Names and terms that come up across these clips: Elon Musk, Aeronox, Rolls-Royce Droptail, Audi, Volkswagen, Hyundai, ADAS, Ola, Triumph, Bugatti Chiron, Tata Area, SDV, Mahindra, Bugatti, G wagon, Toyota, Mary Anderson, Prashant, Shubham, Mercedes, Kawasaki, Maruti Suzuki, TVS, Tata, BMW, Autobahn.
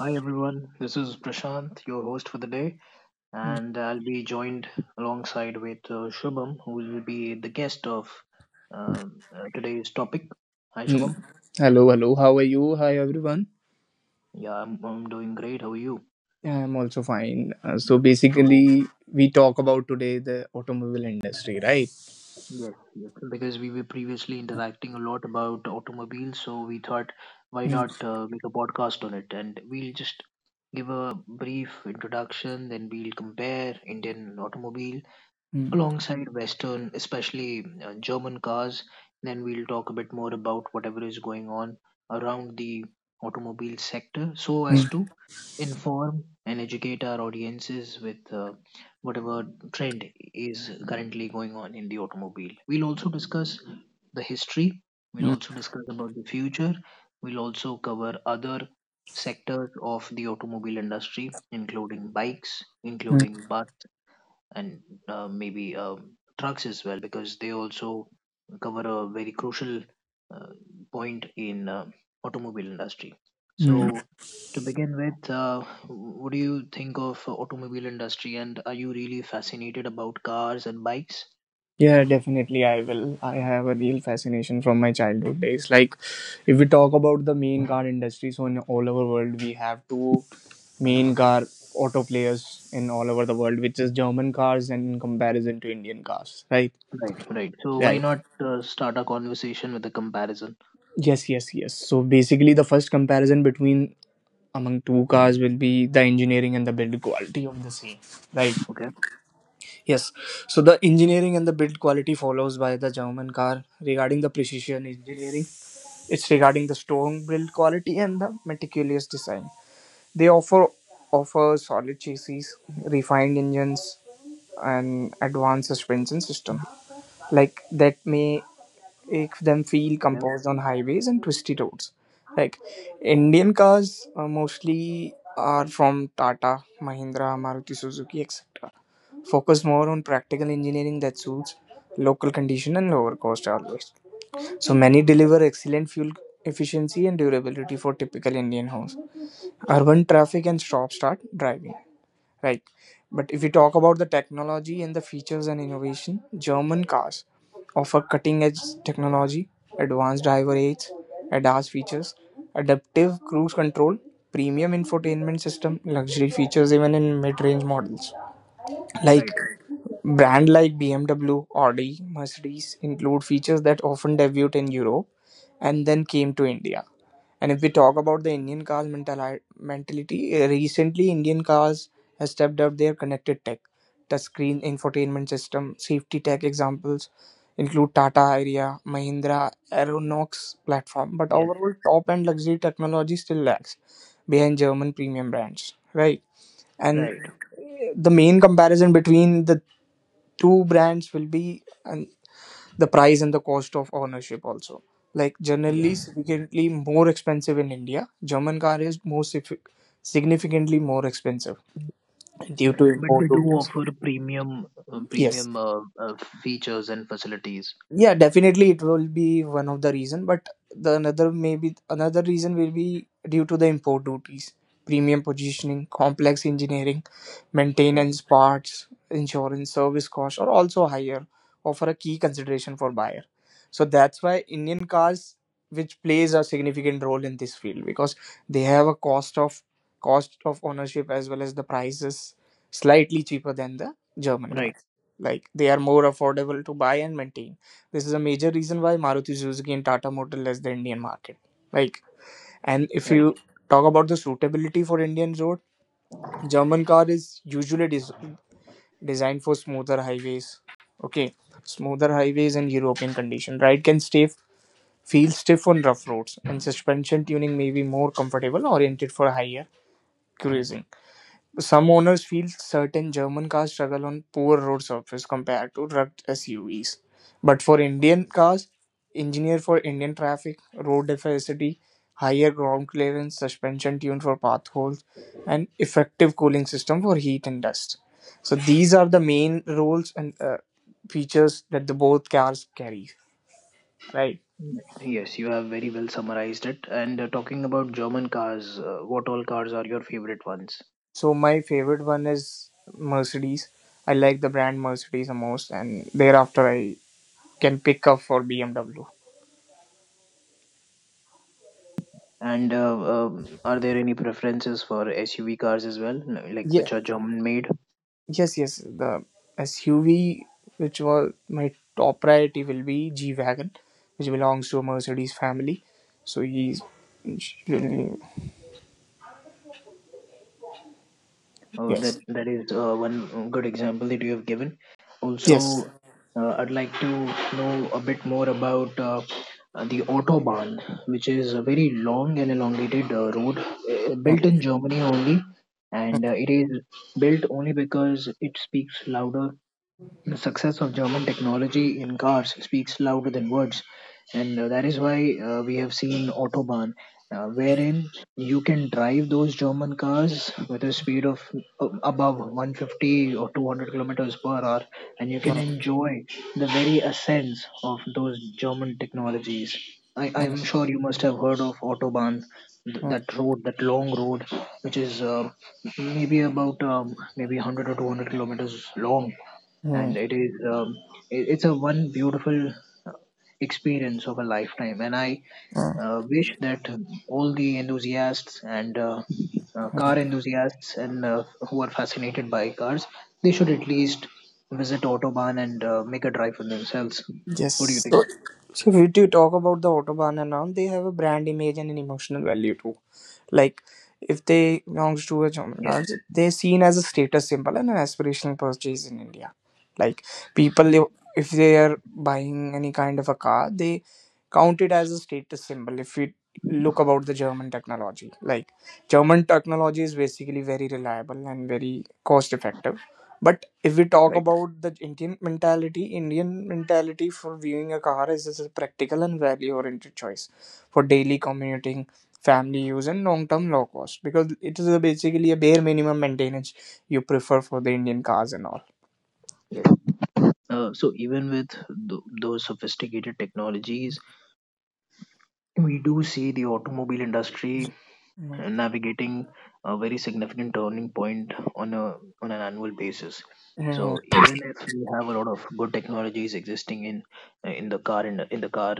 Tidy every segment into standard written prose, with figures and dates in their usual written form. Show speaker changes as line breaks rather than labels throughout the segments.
Hi everyone, this is Prashant, your host for the day,
Mm.
and I'll be joined alongside with Shubham, who will be the guest of today's topic. Hi
Mm.
Shubham.
Hello, hello. How are you? Hi, everyone.
Yeah, I'm doing great. How are you?
I'm also fine. Uh,
Yeah.
so
So
basically, we talk about today the automobile industry, right?
yes, because we were previously interacting a lot about automobiles, so we thought why
Mm,
not make a podcast on it, and we'll just give a brief introduction, then we'll compare Indian automobile
mm,
alongside Western, especially German cars. Then we'll talk a bit more about whatever is going on around the automobile sector so as
mm,
to inform and educate our audiences with whatever trend is currently going on in the automobile. We'll also discuss the history, we'll
mm,
also discuss about the future, we'll also cover other sectors of the automobile industry, including bikes,
mm,
including buses and maybe trucks as well, because they also cover a very crucial uh, point in automobile industry.
mm.
So to begin with, what do you think of automobile industry, and are you really fascinated about cars and bikes?
Yeah, definitely. I will. I have a real fascination from my childhood days. Like, if we talk about the main car industry, so in all over world, we have two main car auto players in all over the world, which is German cars and in comparison to Indian cars, right?
Right, right. So why not start a conversation with a comparison?
Yes, yes, yes. So basically, the first comparison between among two cars will be the engineering and the build quality of the same, right?
Okay,
Yes. So the engineering and the build quality follows by the German car regarding the precision engineering. It's regarding the strong build quality and the meticulous design. They offer solid chassis, refined engines, and advanced suspension system like that may make them feel
yeah,
composed on highways and twisty roads. Like Indian cars mostly are from Tata, Mahindra, Maruti Suzuki, etc. Focus more on practical engineering that suits local condition and lower cost always. So many deliver excellent fuel efficiency and durability for typical Indian homes. Urban traffic and stop start driving. Right. But if we talk about the technology and the features and innovation, German cars offer cutting edge technology, advanced driver aids, ADAS features, adaptive cruise control, premium infotainment system, luxury features even in mid range models. Like
right,
brand like BMW, Audi, Mercedes include features that often debuted in Europe and then came to India. And if we talk about the Indian cars mentality, recently Indian cars has stepped up their connected tech, touchscreen infotainment system, safety tech examples include Tata Area, Mahindra, Aeronox platform. But
yes,
overall, top end luxury technology still lags behind German premium brands, right? And
right,
the main comparison between the two brands will be and the price and the cost of ownership also like
yeah,
generally significantly more expensive in India German car is more significantly more expensive due to
right. But they
import
do
duties.
offer premium
Yes.
premium features and facilities,
Yeah, definitely it will be one of the reason, but the another maybe another reason will be due to the import duties premium positioning complex engineering
right?
maintenance parts insurance service costs are also higher offer a key consideration for buyer. So that's why Indian cars which plays a significant role in this field because they have a cost of ownership as well as the prices slightly cheaper than the German
Right.
cars like they are more affordable to buy and maintain. This is a major reason why Maruti Suzuki and Tata Motor left the Indian market. Like, and if you
Right.
talk about the suitability for Indian road, German car is usually designed for smoother highways. Okay, smoother highways and European condition. Ride can stay feel stiff on rough roads, and suspension tuning may be more comfortable, oriented for higher cruising. Some owners feel certain German cars struggle on poor road surface compared to rugged SUVs. But for Indian cars, engineered for Indian traffic, road efficiency, higher ground clearance, suspension tuned for path holes, and effective cooling system for heat and dust. So these are the main roles and features that the both cars carry, right?
Yes, you have very well summarized it. And talking about German cars, what all cars are your favorite ones?
So my favorite one is Mercedes. I like the brand Mercedes the most, and thereafter I can pick up for BMW.
And are there any preferences for SUV cars as well, like
Yeah,
which are German made?
yes, yes. The SUV, which was my top priority, will be G wagon, which belongs to a Mercedes family. So he's
Oh, that
yes,
that is one good example that you have given. Also,
yes.
I'd like to know a bit more about the Autobahn, which is a very long and elongated road
Mm,
built in Germany only, and it is built only because it speaks louder. The success of German technology in cars speaks louder than words, and that is why we have seen Autobahn, wherein you can drive those German cars with a speed of above 150 or 200 kilometers per hour, and you can
mm,
enjoy the very essence of those German technologies. I'm sure you must have heard of Autobahn,
mm,
that road, that long road, which is maybe about maybe 100 or 200 kilometers long, and
mm,
it is it's a one beautiful experience of a lifetime. And I
mm,
wish that all the enthusiasts and car
mm.
enthusiasts and who are fascinated by cars, they should at least visit Autobahn and make a drive for themselves. What do you
Yes.
think?
So if you do talk about the Autobahn and all, they have a brand image and an emotional value too. Like if they belongs to a
Yes,
genre, they're seen as a status symbol and an aspirational purchase in India. Like people, if they are buying any kind of a car, they count it as a status symbol. If we look about the German technology, like German technology is basically very reliable and very cost effective. But if we talk
right,
about the Indian mentality for viewing a car is as a practical and value oriented choice for daily commuting, family use, and long term low cost because it is a basically a bare minimum maintenance you prefer for the Indian cars and all.
so even with those sophisticated technologies, we do see the automobile industry navigating a very significant turning point on a on an annual basis. So even if we have a lot of good technologies existing in the car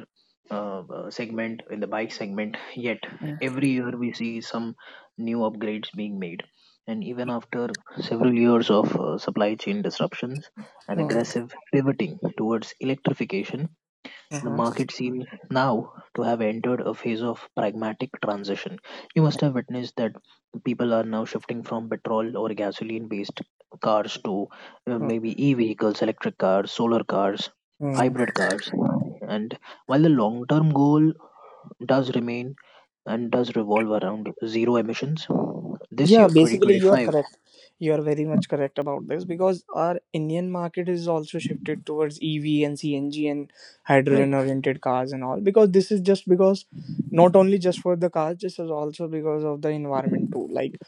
segment, in the bike segment, yet every year we see some new upgrades being made. And even after several years of supply chain disruptions and aggressive pivoting towards electrification, the market seems now to have entered a phase of pragmatic transition. You must have witnessed that people are now shifting from petrol or gasoline based cars to maybe e vehicles, electric cars, solar cars,
Mm-hmm.
hybrid cars. And while the long term goal does remain and does revolve around zero emissions, this
Yeah,
year,
basically you are
2025,
correct. You are very much correct about this because our Indian market is also shifted towards EV and CNG and
right,
hydrogen oriented cars and all because this is just because not only just for the cars, this is also because of the environment too. Like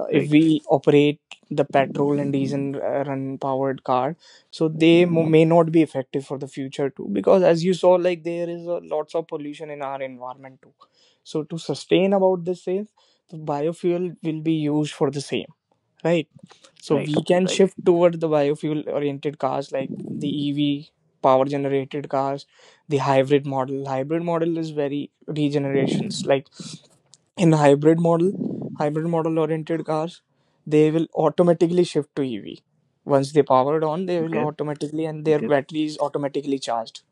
if
right,
we operate the petrol and diesel run powered car so they may not be effective for the future too because as you saw like there is a, lots of pollution in our environment too. So to sustain about the same the biofuel will be used for the same, right? So
right,
we can
right,
shift toward the biofuel oriented cars like the EV power generated cars, the hybrid model. Hybrid model is very regenerations. Like in hybrid model oriented cars, they will automatically shift to EV. Once they powered on, they will
okay,
automatically and their
okay,
battery is automatically charged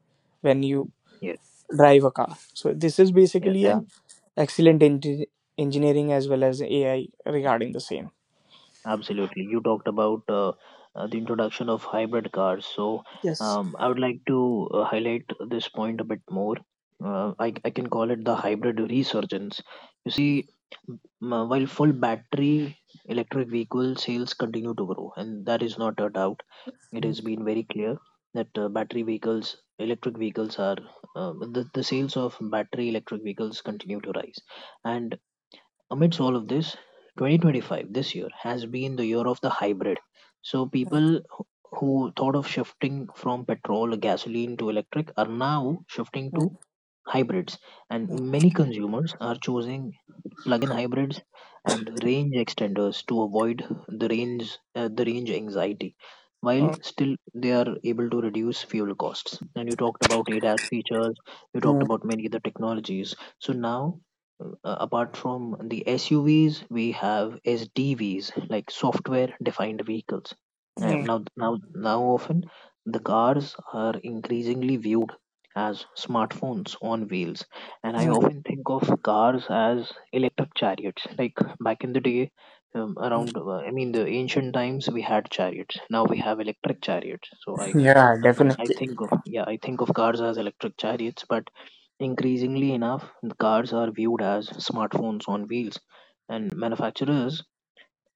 when you
yeah,
drive a car. So this is
yeah,
basically a
and
excellent engineering as well as AI regarding the same.
absolutely. You talked about the introduction of hybrid cars. So,
Yes.
I would like to highlight this point a bit more. I can call it the hybrid resurgence. You see, while full battery electric vehicle sales continue to grow, and that is not a doubt, it has been very clear that battery vehicles, electric vehicles are, the sales of battery electric vehicles continue to rise. And amidst all of this, 2025, this year has been the year of the hybrid. So people who thought of shifting from petrol gasoline to electric are now shifting to
Mm,
hybrids, and
mm,
many consumers are choosing plug-in hybrids and range extenders to avoid the range anxiety, while
mm.
still they are able to reduce fuel costs. And you talked about ADAS features, you talked
Mm,
about many other technologies. So now uh, apart from the SUVs, we have SDVs, like software defined vehicles. Uh,
mm,
now now now often the cars are increasingly viewed as smartphones on wheels. And I
mm,
often think of cars as electric chariots. Like back in the day, around,
mm.
I mean, the ancient times, we had chariots. Now we have electric chariots. So I
Yeah,
I
definitely.
think of yeah, I think of cars as electric chariots, but increasingly enough, the cars are viewed as smartphones on wheels, and manufacturers,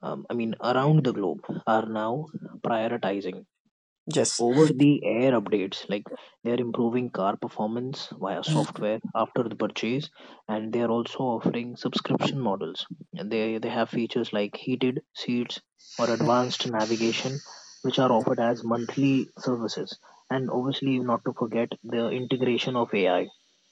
I mean, around the globe, are now prioritizing
Yes.
over the air updates, like they are improving car performance via
Mm,
software after the purchase, and they are also offering subscription models, and they have features like heated seats or
mm,
advanced navigation, which are
mm,
offered as monthly services. And obviously, not to forget the integration of AI,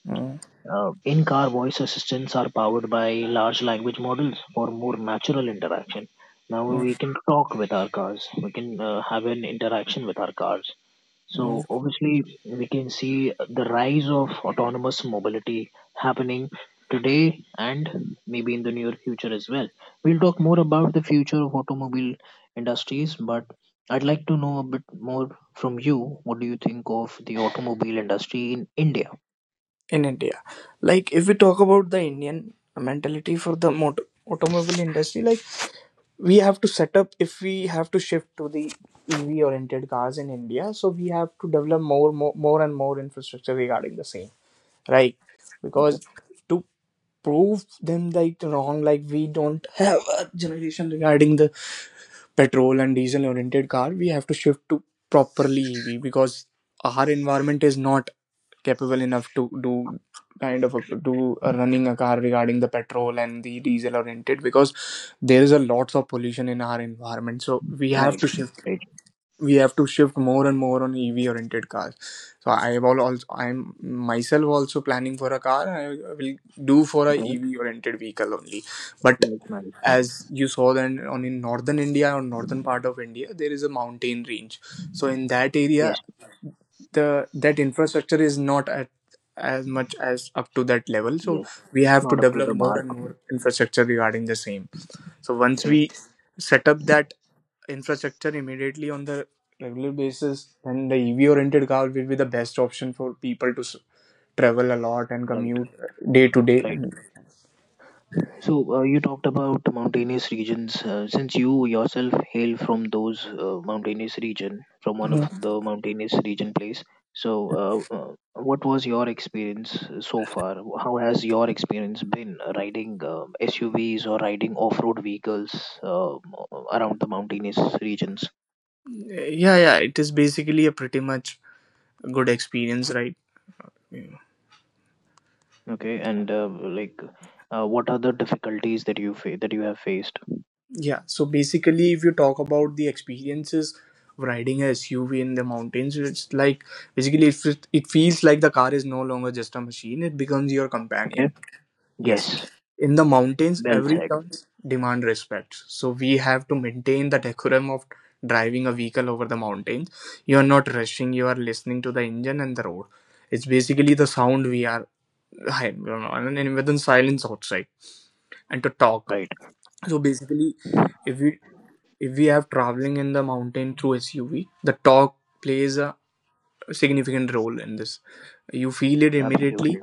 mm,
in-car voice assistants are powered by large language models for more natural interaction. Now we
mm.
can talk with our cars, we can have an interaction with our cars. So
mm.
obviously, we can see the rise of autonomous mobility happening today and maybe in the near future as well. We'll talk more about the future of automobile industries, but I'd like to know a bit more from you. What do you think of the automobile industry in India?
In India, like if we talk about the Indian mentality for the automobile industry, like we have to set up if we have to shift to the EV oriented cars in India, so we have to develop more and more infrastructure regarding the same, right?
Okay,
Because to prove them like wrong, like we don't have a generation regarding the petrol and diesel oriented car we have to shift to properly EV because our environment is not capable enough to do kind of a, do a running a car regarding the petrol and the diesel oriented because there is a lots of pollution in our environment. So we have
right,
to shift,
right.
more and more on EV oriented cars. So I am also I'm myself also planning for a car. I will do for a
Okay,
EV oriented vehicle only. But
that's nice.
as you saw then on in northern India or northern part of India there is a mountain range, so in that area
Yes,
the that infrastructure is not at as much as up to that level. So
yes.
we
It's
have to
not up to
develop
the
more
mark.
and more infrastructure regarding the same. So once
Okay,
we set up that infrastructure immediately on the regular basis, then the EV oriented car will be the best option for people to travel a lot and
right,
commute day to day.
right. So, you talked about the mountainous regions. Since you yourself hail from those mountainous region, from one of the mountainous region place, so what was your experience so far? How has your experience been riding SUVs or riding off-road vehicles uh, around the mountainous regions?
Yeah, yeah, it is basically a pretty much good experience, right? Yeah,
Okay, and like, what are the difficulties that you that you have faced?
yeah. So basically if you talk about the experiences of riding a SUV in the mountains it's like basically it feels like the car is no longer just a machine, it becomes your
Okay.
companion. Yes.
Yes.
In the mountains,
Well
every
said.
turns demand respect. So we have to maintain the decorum of driving a vehicle over the mountains. You are not rushing, you are listening to the engine and the road. It's basically the sound we are, I don't know, and within silence outside and to talk.
Right.
So basically if we have traveling in the mountain through SUV, the talk plays a significant role in this. You feel it
Absolutely.
immediately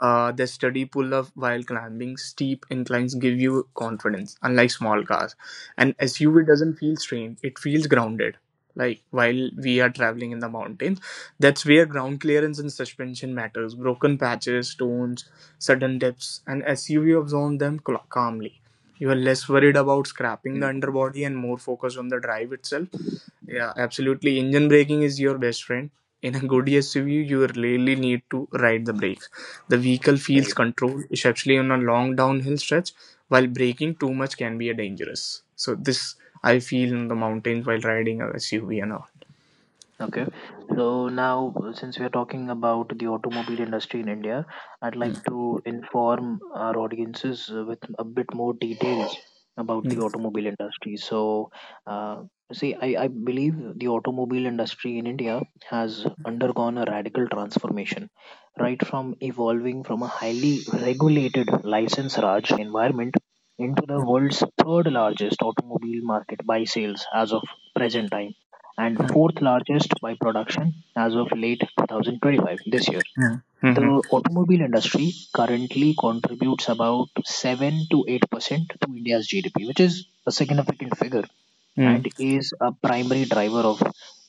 their steady pull up while climbing steep inclines give you confidence, unlike small cars. An SUV doesn't feel strained; it feels grounded. Like while we are traveling in the mountains, that's where ground clearance and suspension matters. Broken patches, stones, sudden dips, an SUV absorbs them calmly. You are less worried about scrapping the
Mm,
underbody and more focused on the drive itself. Yeah, absolutely. Engine braking is your best friend. In a good SUV, you really need to ride the brakes. The vehicle
right.
feels controlled, especially on a long downhill stretch, while braking too much can be a dangerous. So this I feel in the mountains while riding a SUV and all.
Okay. So now, since we are talking about the automobile industry in India, I'd
Mm,
like to inform our audiences with a bit more details about the
mm,
automobile industry. So, uh, see, I believe the automobile industry in India has undergone a radical transformation, right from evolving from a highly regulated license Raj environment into the world's third largest automobile market by sales as of present time and
mm,
fourth largest by production as of late 2025, this year.
mm,
The
mm,
automobile industry currently contributes about 7 to 8% to India's GDP, which is a significant figure
mm,
and is a primary driver of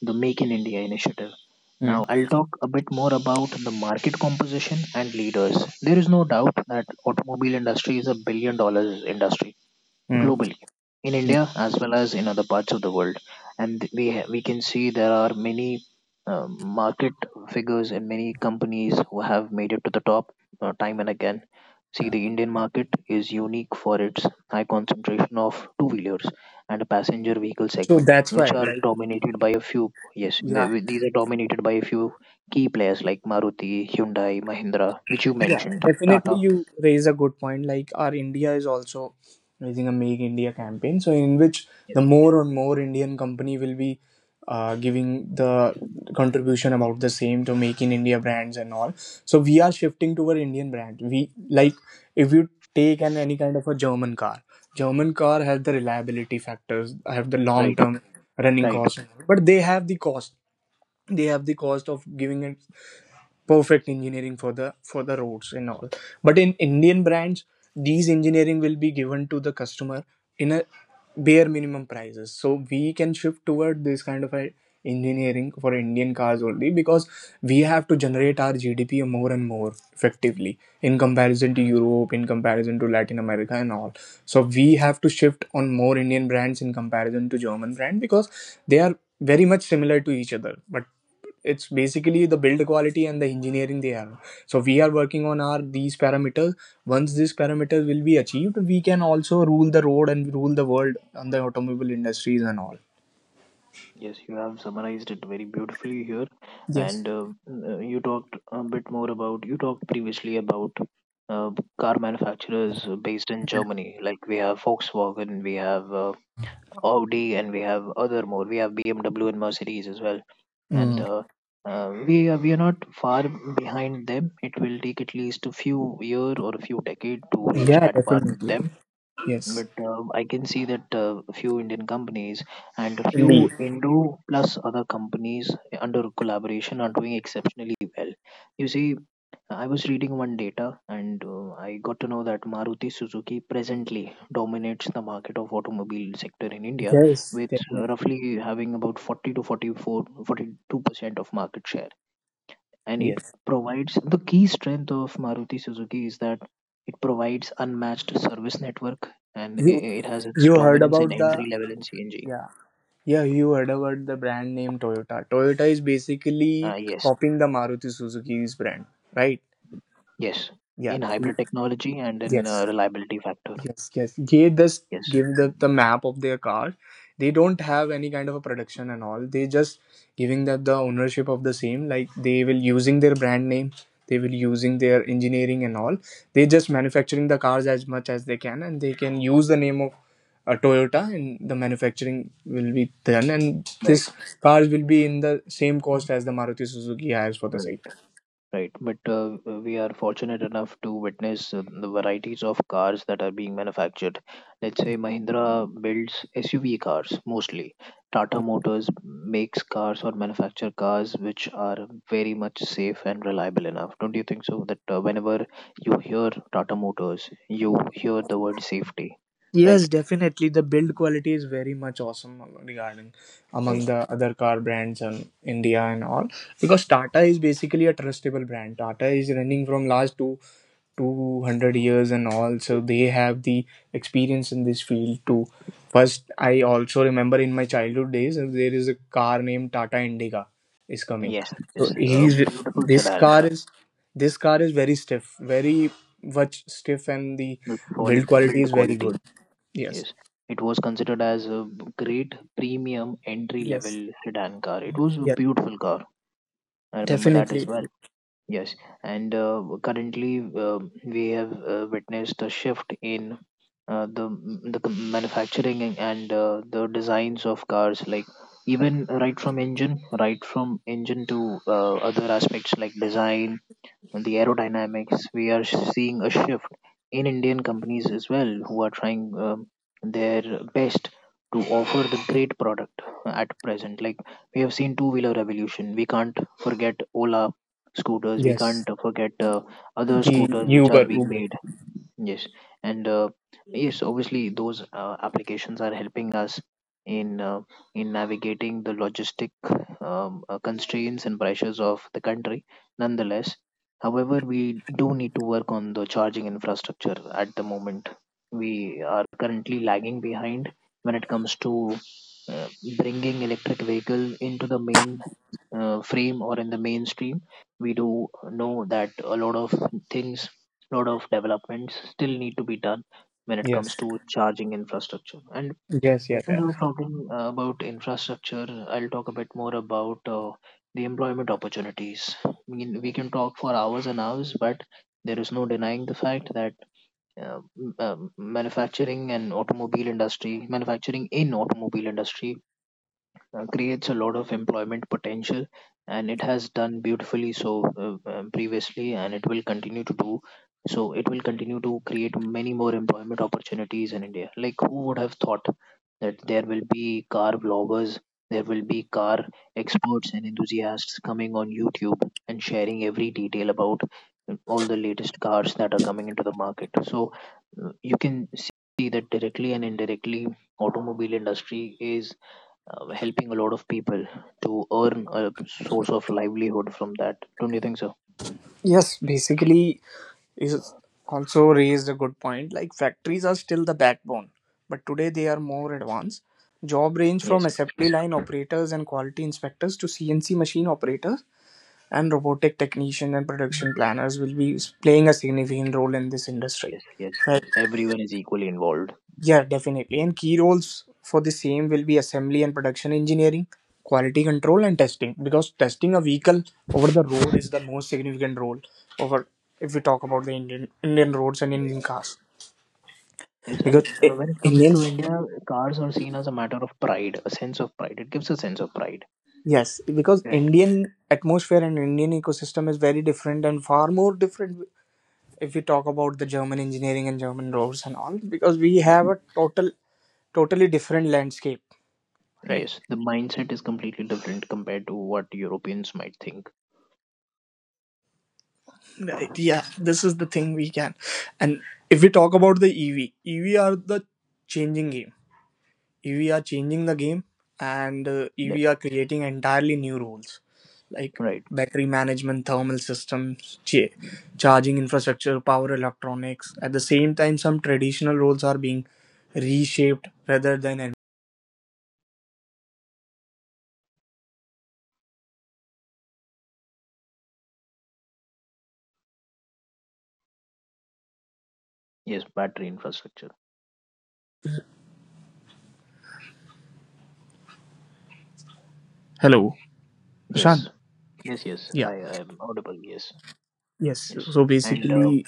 the Make in India initiative.
mm,
Now, I'll talk a bit more about the market composition and leaders. There is no doubt that automobile industry is a billion dollars industry
mm,
globally, in
mm.
India as well as in other parts of the world. And we can see there are many market figures and many companies who have made it to the top time and again. See, the Indian market is unique for its high concentration of two wheelers and a passenger vehicle
So
segment,
that's
which
why,
are
like,
dominated by a few. Yes,
yeah,
these are dominated by a few key players like Maruti, Hyundai, Mahindra, which you
yeah,
mentioned,
definitely
Tata.
you raise a good point. Like our India is also raising a Make India campaign, so in which the
Yes,
more and more Indian company will be giving the contribution about the same to Make in India brands and all. So we are shifting toward Indian brand. We like if you take an any kind of a German car has the reliability factors, have the long
right,
term running
right.
cost, but they have the cost. They have the cost of giving it perfect engineering for the roads and all. But in Indian brands, these engineering will be given to the customer in a bare minimum prices, so we can shift toward this kind of a engineering for Indian cars only, because we have to generate our GDP more and more effectively in comparison to Europe, in comparison to Latin America and all. So we have to shift on more Indian brands in comparison to German brand, because they are very much similar to each other, but it's basically the build quality and the engineering they have. So we are working on our these parameters. Once these parameters will be achieved, we can also rule the road and rule the world on the automobile industries and all.
Yes, you have summarized it very beautifully here,
Yes.
and you talked a bit more about you talked previously about uh, car manufacturers based in
Yeah.
Germany. Like we have Volkswagen, we have Audi, and we have other more. We have BMW and Mercedes as well, and
Mm.
we are not far behind them. It will take at least a few year or a few decade to reach
Yeah,
at par with
definitely.
them.
Yes.
But I can see that a few Indian companies and a
Indeed.
few Indo plus other companies under collaboration are doing exceptionally well. You see, I was reading one data and I got to know that Maruti Suzuki presently dominates the market of automobile sector in India
Yes,
with
definitely.
roughly having about 40 to 44 42% of market share, and it
Yes.
provides the key strength of Maruti Suzuki is that it provides unmatched service network, and
You
it has its
you heard
dominance in
about the
entry level, in CNG.
yeah Yeah, you heard about the brand name Toyota. Toyota is basically
Yes,
copying the Maruti Suzuki's brand, right?
yes,
Yeah.
in hybrid technology and in
Yes.
reliability factor.
Yes, yes. They just
Yes,
give the map of their car. They don't have any kind of a production and all. They just giving that the ownership of the same. Like, they will using their brand name, they will using their engineering and all. They just manufacturing the cars as much as they can, and they can use the name of a Toyota, and the manufacturing will be done, and
right,
this cars will be in the same cost as the Maruti Suzuki has for the
right.
site.
Right, but we are fortunate enough to witness the varieties of cars that are being manufactured. Let's say Mahindra builds SUV cars mostly. Tata Motors makes cars or manufacture cars which are very much safe and reliable enough. Don't you think so? That whenever you hear Tata Motors, you hear the word safety. Right,
Yes, definitely. The build quality is very much awesome regarding among
right.
the other car brands in India and all, because Tata is basically a trustable brand. Tata is running from last two hundred years and all, so
Yes,
they have the experience in this field too. First, I also remember in my childhood days, there is a car named Tata Indica is coming.
yes,
So
yes. A
he's
beautiful
this
sedan
car
car
is this car is very stiff, very much stiff, and the
with
build
solid
quality
build
is very
quality.
good. Yes.
Yes, it was considered as a great premium entry
Yes,
level sedan car. It was a
yes,
beautiful car. I remember that as
definitely.
well. Yes, and currently we have witnessed a shift in uh, the the manufacturing and the designs of cars. Like even right from engine to other aspects like design, on the aerodynamics, we are seeing a shift in Indian companies as well who are trying their best to offer the great product at present. Like we have seen two wheeler revolution. We can't forget Ola scooters. We
Yes,
can't forget other
the
scooters which are
Uber,
being
Uber.
made. Yes, and yes, obviously those applications are helping us in uh, in navigating the logistic constraints and pressures of the country. Nonetheless, however, we do need to work on the charging infrastructure. At the moment, we are currently lagging behind when it comes to uh, bringing electric vehicle into the main frame or in the mainstream. We do know that a lot of things, a lot of developments still need to be done when it comes
Yes,
to charging infrastructure. And
yes, yeah,
since
yeah.
we're talking about infrastructure, I'll talk a bit more about the employment opportunities. I mean, we can talk for hours and hours, but there is no denying the fact that manufacturing in automobile industry creates a lot of employment potential. And it has done beautifully so previously, and it will continue to do so. It will continue to create many more employment opportunities in India. Like, who would have thought that there will be car vloggers, there will be car experts and enthusiasts coming on YouTube and sharing every detail about all the latest cars that are coming into the market? So you can see that directly and indirectly, automobile industry is helping a lot of people to earn a source of livelihood from that. Don't you think so?
Yes, basically, is also raised a good point. Like, factories are still the backbone, but today they are more advanced. Job range from
Yes,
assembly line operators and quality inspectors to CNC machine operators and robotic technician and production planners will be playing a significant role in this industry.
yes, yes.
Right.
Everyone is equally involved.
Yeah, definitely. And key roles for the same will be assembly and production engineering, quality control, and testing. Because testing a vehicle over the road is the most significant role over if we talk about the Indian roads and
Right.
Indian cars.
Yes, and
Because
when it comes
Indian,
to India, cars are seen as a matter of pride, a sense of pride. It gives a sense of pride.
yes, because
Correct.
Indian atmosphere and Indian ecosystem is very different and far more different if we talk about the German engineering and German roads and all, because we have
Yes.
a totally different landscape, right?
Yes, the mindset is completely different compared to what Europeans might think.
Right, yeah, this is the thing we can. And if we talk about the ev are the changing game EV are changing the game. And EV
Yes.
are creating entirely new roles like
Right.
battery management, thermal systems, charging infrastructure, power electronics. At the same time, some traditional roles are being reshaped rather than.
Yes, battery infrastructure.
Hello,
Yes.
Prashant.
Yes, yes.
Yeah.
I am audible. Yes.
Yes.
Yes.
So
And
basically,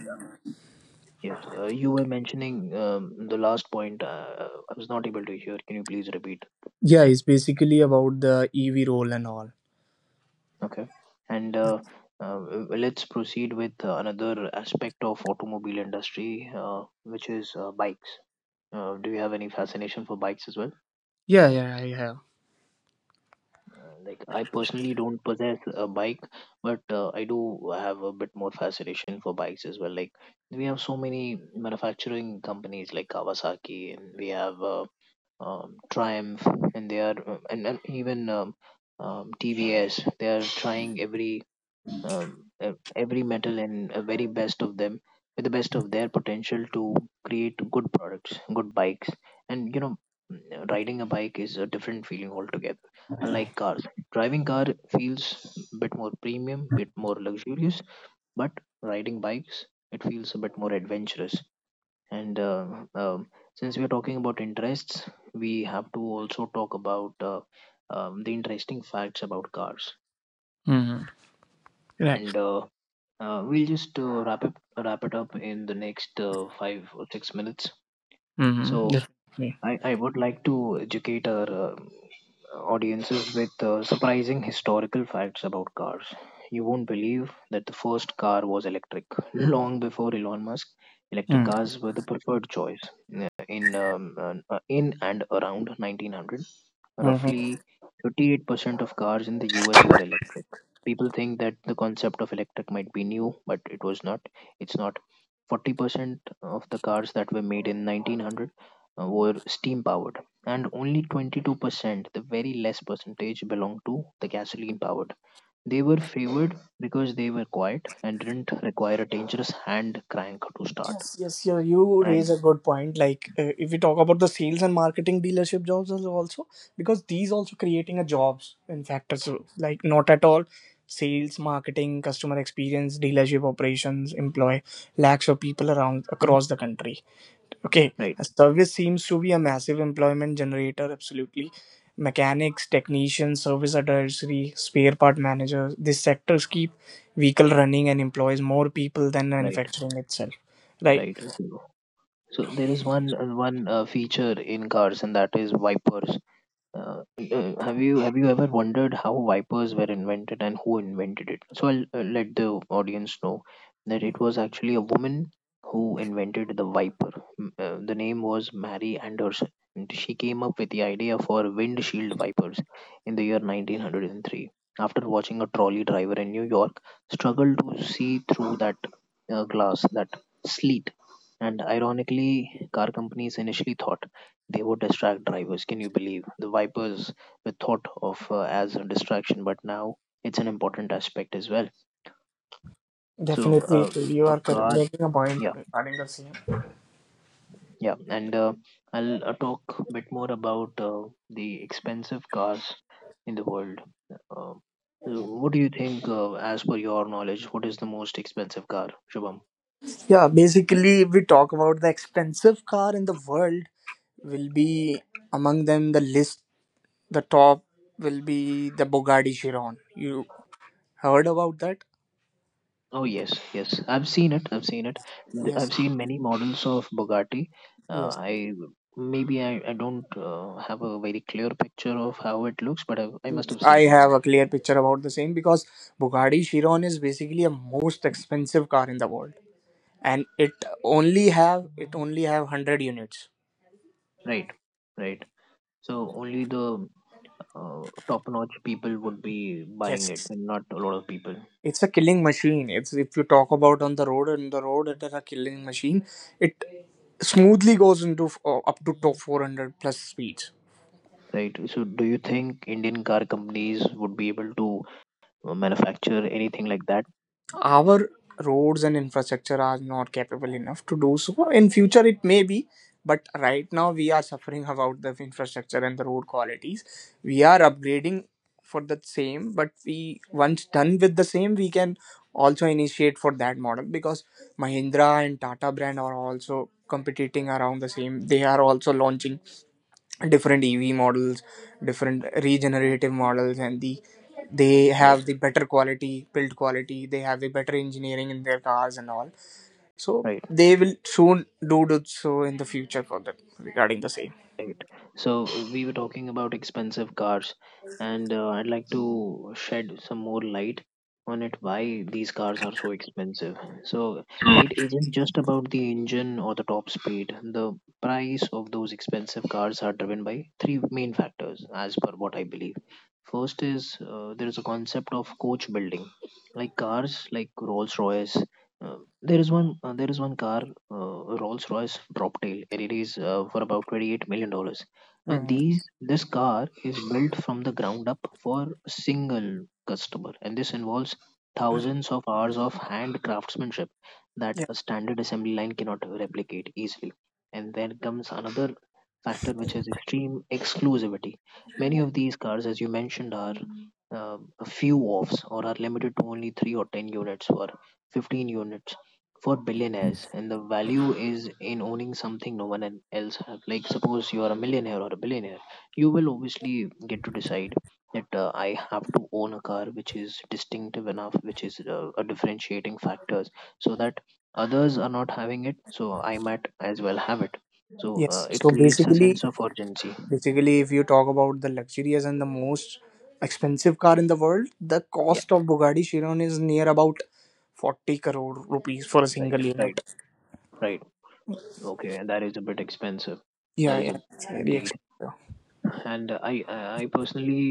yes, you were mentioning the last point. I was not able to hear. Can you please repeat?
yeah, it's basically about the EV role and all.
Okay. And uh, let's proceed with another aspect of automobile industry, which is bikes. Do you have any fascination for bikes as well?
Yeah, yeah, I have.
Like, I personally don't possess a bike, but I do have a bit more fascination for bikes as well. Like we have so many manufacturing companies like Kawasaki, and we have Triumph, and they are and even TVS. They are trying every metal and a very best of them with the best of their potential to create good products, good bikes. And riding a bike is a different feeling altogether. Unlike cars, driving car feels a bit more premium, bit more luxurious, but riding bikes it feels a bit more adventurous. And um, since we are talking about interests, we have to also talk about the interesting facts about cars.
Mm-hmm. Right.
And we'll just wrap it up in the next 5 or 6 minutes.
Mm-hmm.
So
Definitely.
I would like to educate our audiences with surprising historical facts about cars. You won't believe that the first car was electric. Long before Elon Musk, electric cars were the preferred choice. In and around 1900,
Mm-hmm.
roughly 38% of cars in the US were electric. People think that the concept of electric might be new, but it was not. It's not 40% of the cars that were made in 1900 were steam powered, and only 22%, the very less percentage, belonged to the gasoline powered. They were favored because they were quiet and didn't require a dangerous hand crank to start.
Yes, yes, yeah, you
And
raise a good point. Like, if we talk about the sales and marketing dealership jobs as also, because these also creating a jobs in factors like not at all sales, marketing, customer experience, dealership operations employ lakhs of people around across the country. Okay,
right,
a service seems to be a massive employment generator, absolutely. Mechanics, technicians, service advisory, spare part managers, these sectors keep vehicle running and employs more people than
right,
manufacturing itself. Right,
right. So, there is one feature in cars, and that is wipers. Uh, have you ever wondered how wipers were invented and who invented it? So I'll let the audience know that it was actually a woman who invented the wiper. The name was Mary Anderson, and she came up with the idea for windshield wipers in the year 1903 after watching a trolley driver in New York struggle to see through that glass, that sleet. And ironically, car companies initially thought they would distract drivers. Can you believe? The Vipers were thought of as a distraction, but now it's an important aspect as well. So,
definitely. So you
a
are
car,
making a point
yeah,
regarding the same.
yeah. And I'll talk a bit more about the expensive cars in the world. Uh, what do you think, as per your knowledge, what is the most expensive car, Shubham?
Yeah, basically, if we talk about the expensive car in the world, will be among them the list, the top will be the Bugatti Chiron. You heard about that?
Oh yes, yes. I've seen it. I've seen it.
Yes,
I've seen many models of Bugatti.
yes.
I maybe I don't have a very clear picture of how it looks, but I must have seen
I
it.
have a clear picture about the same, because Bugatti Chiron is basically a most expensive car in the world, and it only have 100 units.
Right, right. So only the top-notch people would be buying it,
Yes,
and not a lot of people.
it's a killing machine. It's If you talk about on the road, it is a killing machine. It smoothly goes into up to top 400 plus speeds.
Right. So do you think Indian car companies would be able to manufacture anything like that?
Our roads and infrastructure are not capable enough to do so. In future, it may be, but right now we are suffering about the infrastructure and the road qualities. We are upgrading for the same, but we once done with the same, we can also initiate for that model, because Mahindra and Tata brand are also competing around the same. They are also launching different EV models, different regenerative models, and they
Yes.
have the better quality build quality. They have the better engineering in their cars and all. So
Right.
they will soon do so in the future for that regarding the same.
Right. So we were talking about expensive cars, and I'd like to shed some more light on it why these cars are so expensive. So it isn't just about the engine or the top speed. The price of those expensive cars are driven by three main factors, as per what I believe. First is there is a concept of coach building, like cars like Rolls Royce, uh, there is one car, Rolls-Royce Droptail, and it is for about $28 million. Now
Hmm.
these this car is built from the ground up for a single customer, and this involves thousands of hours of hand craftsmanship that
Yeah.
a standard assembly line cannot replicate easily. And then comes another factor, which is extreme exclusivity. Many of these cars, as you mentioned, are a few offs or are limited to only three or 10 units or 15 units for billionaires, and the value is in owning something no one else have. Like, suppose you are a millionaire or a billionaire, you will obviously get to decide that I have to own a car which is distinctive enough, which is a differentiating factors, so that others are not having it. So I might as well have it. So
Yes.
it
So
creates a
basically,
sense of urgency.
basically, if you talk about the luxurious and the most expensive car in the world, the
Yeah,
cost of Bugatti Chiron is near about 40 crore rupees for a
right,
single
right,
unit.
right. Okay. And that is a bit expensive, that
Yeah,
is
yeah,
a,
it's very
indeed.
expensive.
And I personally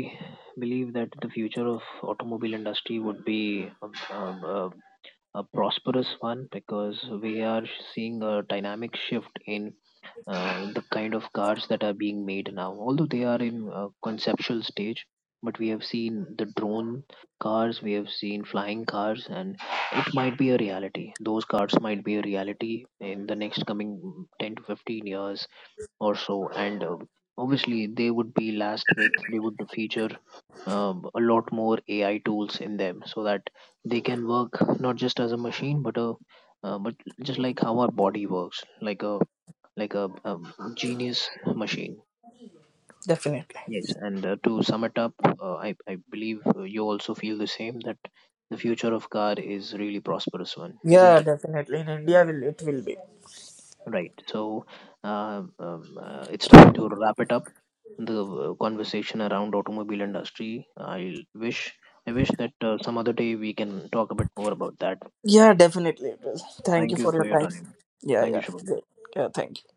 believe that the future of automobile industry would be a prosperous one, because we are seeing a dynamic shift in the kind of cars that are being made now. Although they are in a conceptual stage, but we have seen the drone cars, we have seen flying cars, and it might be a reality. Those cars might be a reality in the next coming 10 to 15 years or so, and obviously they would be last with they would feature a lot more AI tools in them so that they can work not just as a machine, but a but just like how our body works, like a genius machine.
Definitely.
Yes, and to sum it up, I believe you also feel the same that the future of car is really prosperous one, isn't
Yeah,
it?
definitely. In India, will it will be.
Right. So it's time to wrap it up, the conversation around automobile industry. I wish that some other day we can talk a bit more about that.
Yeah, definitely it will. Thank
Thank
you
you
for
for
your
your
time.
time.
Yeah,
Thank you,
yeah.
Shubham.
Great. Yeah, thank you.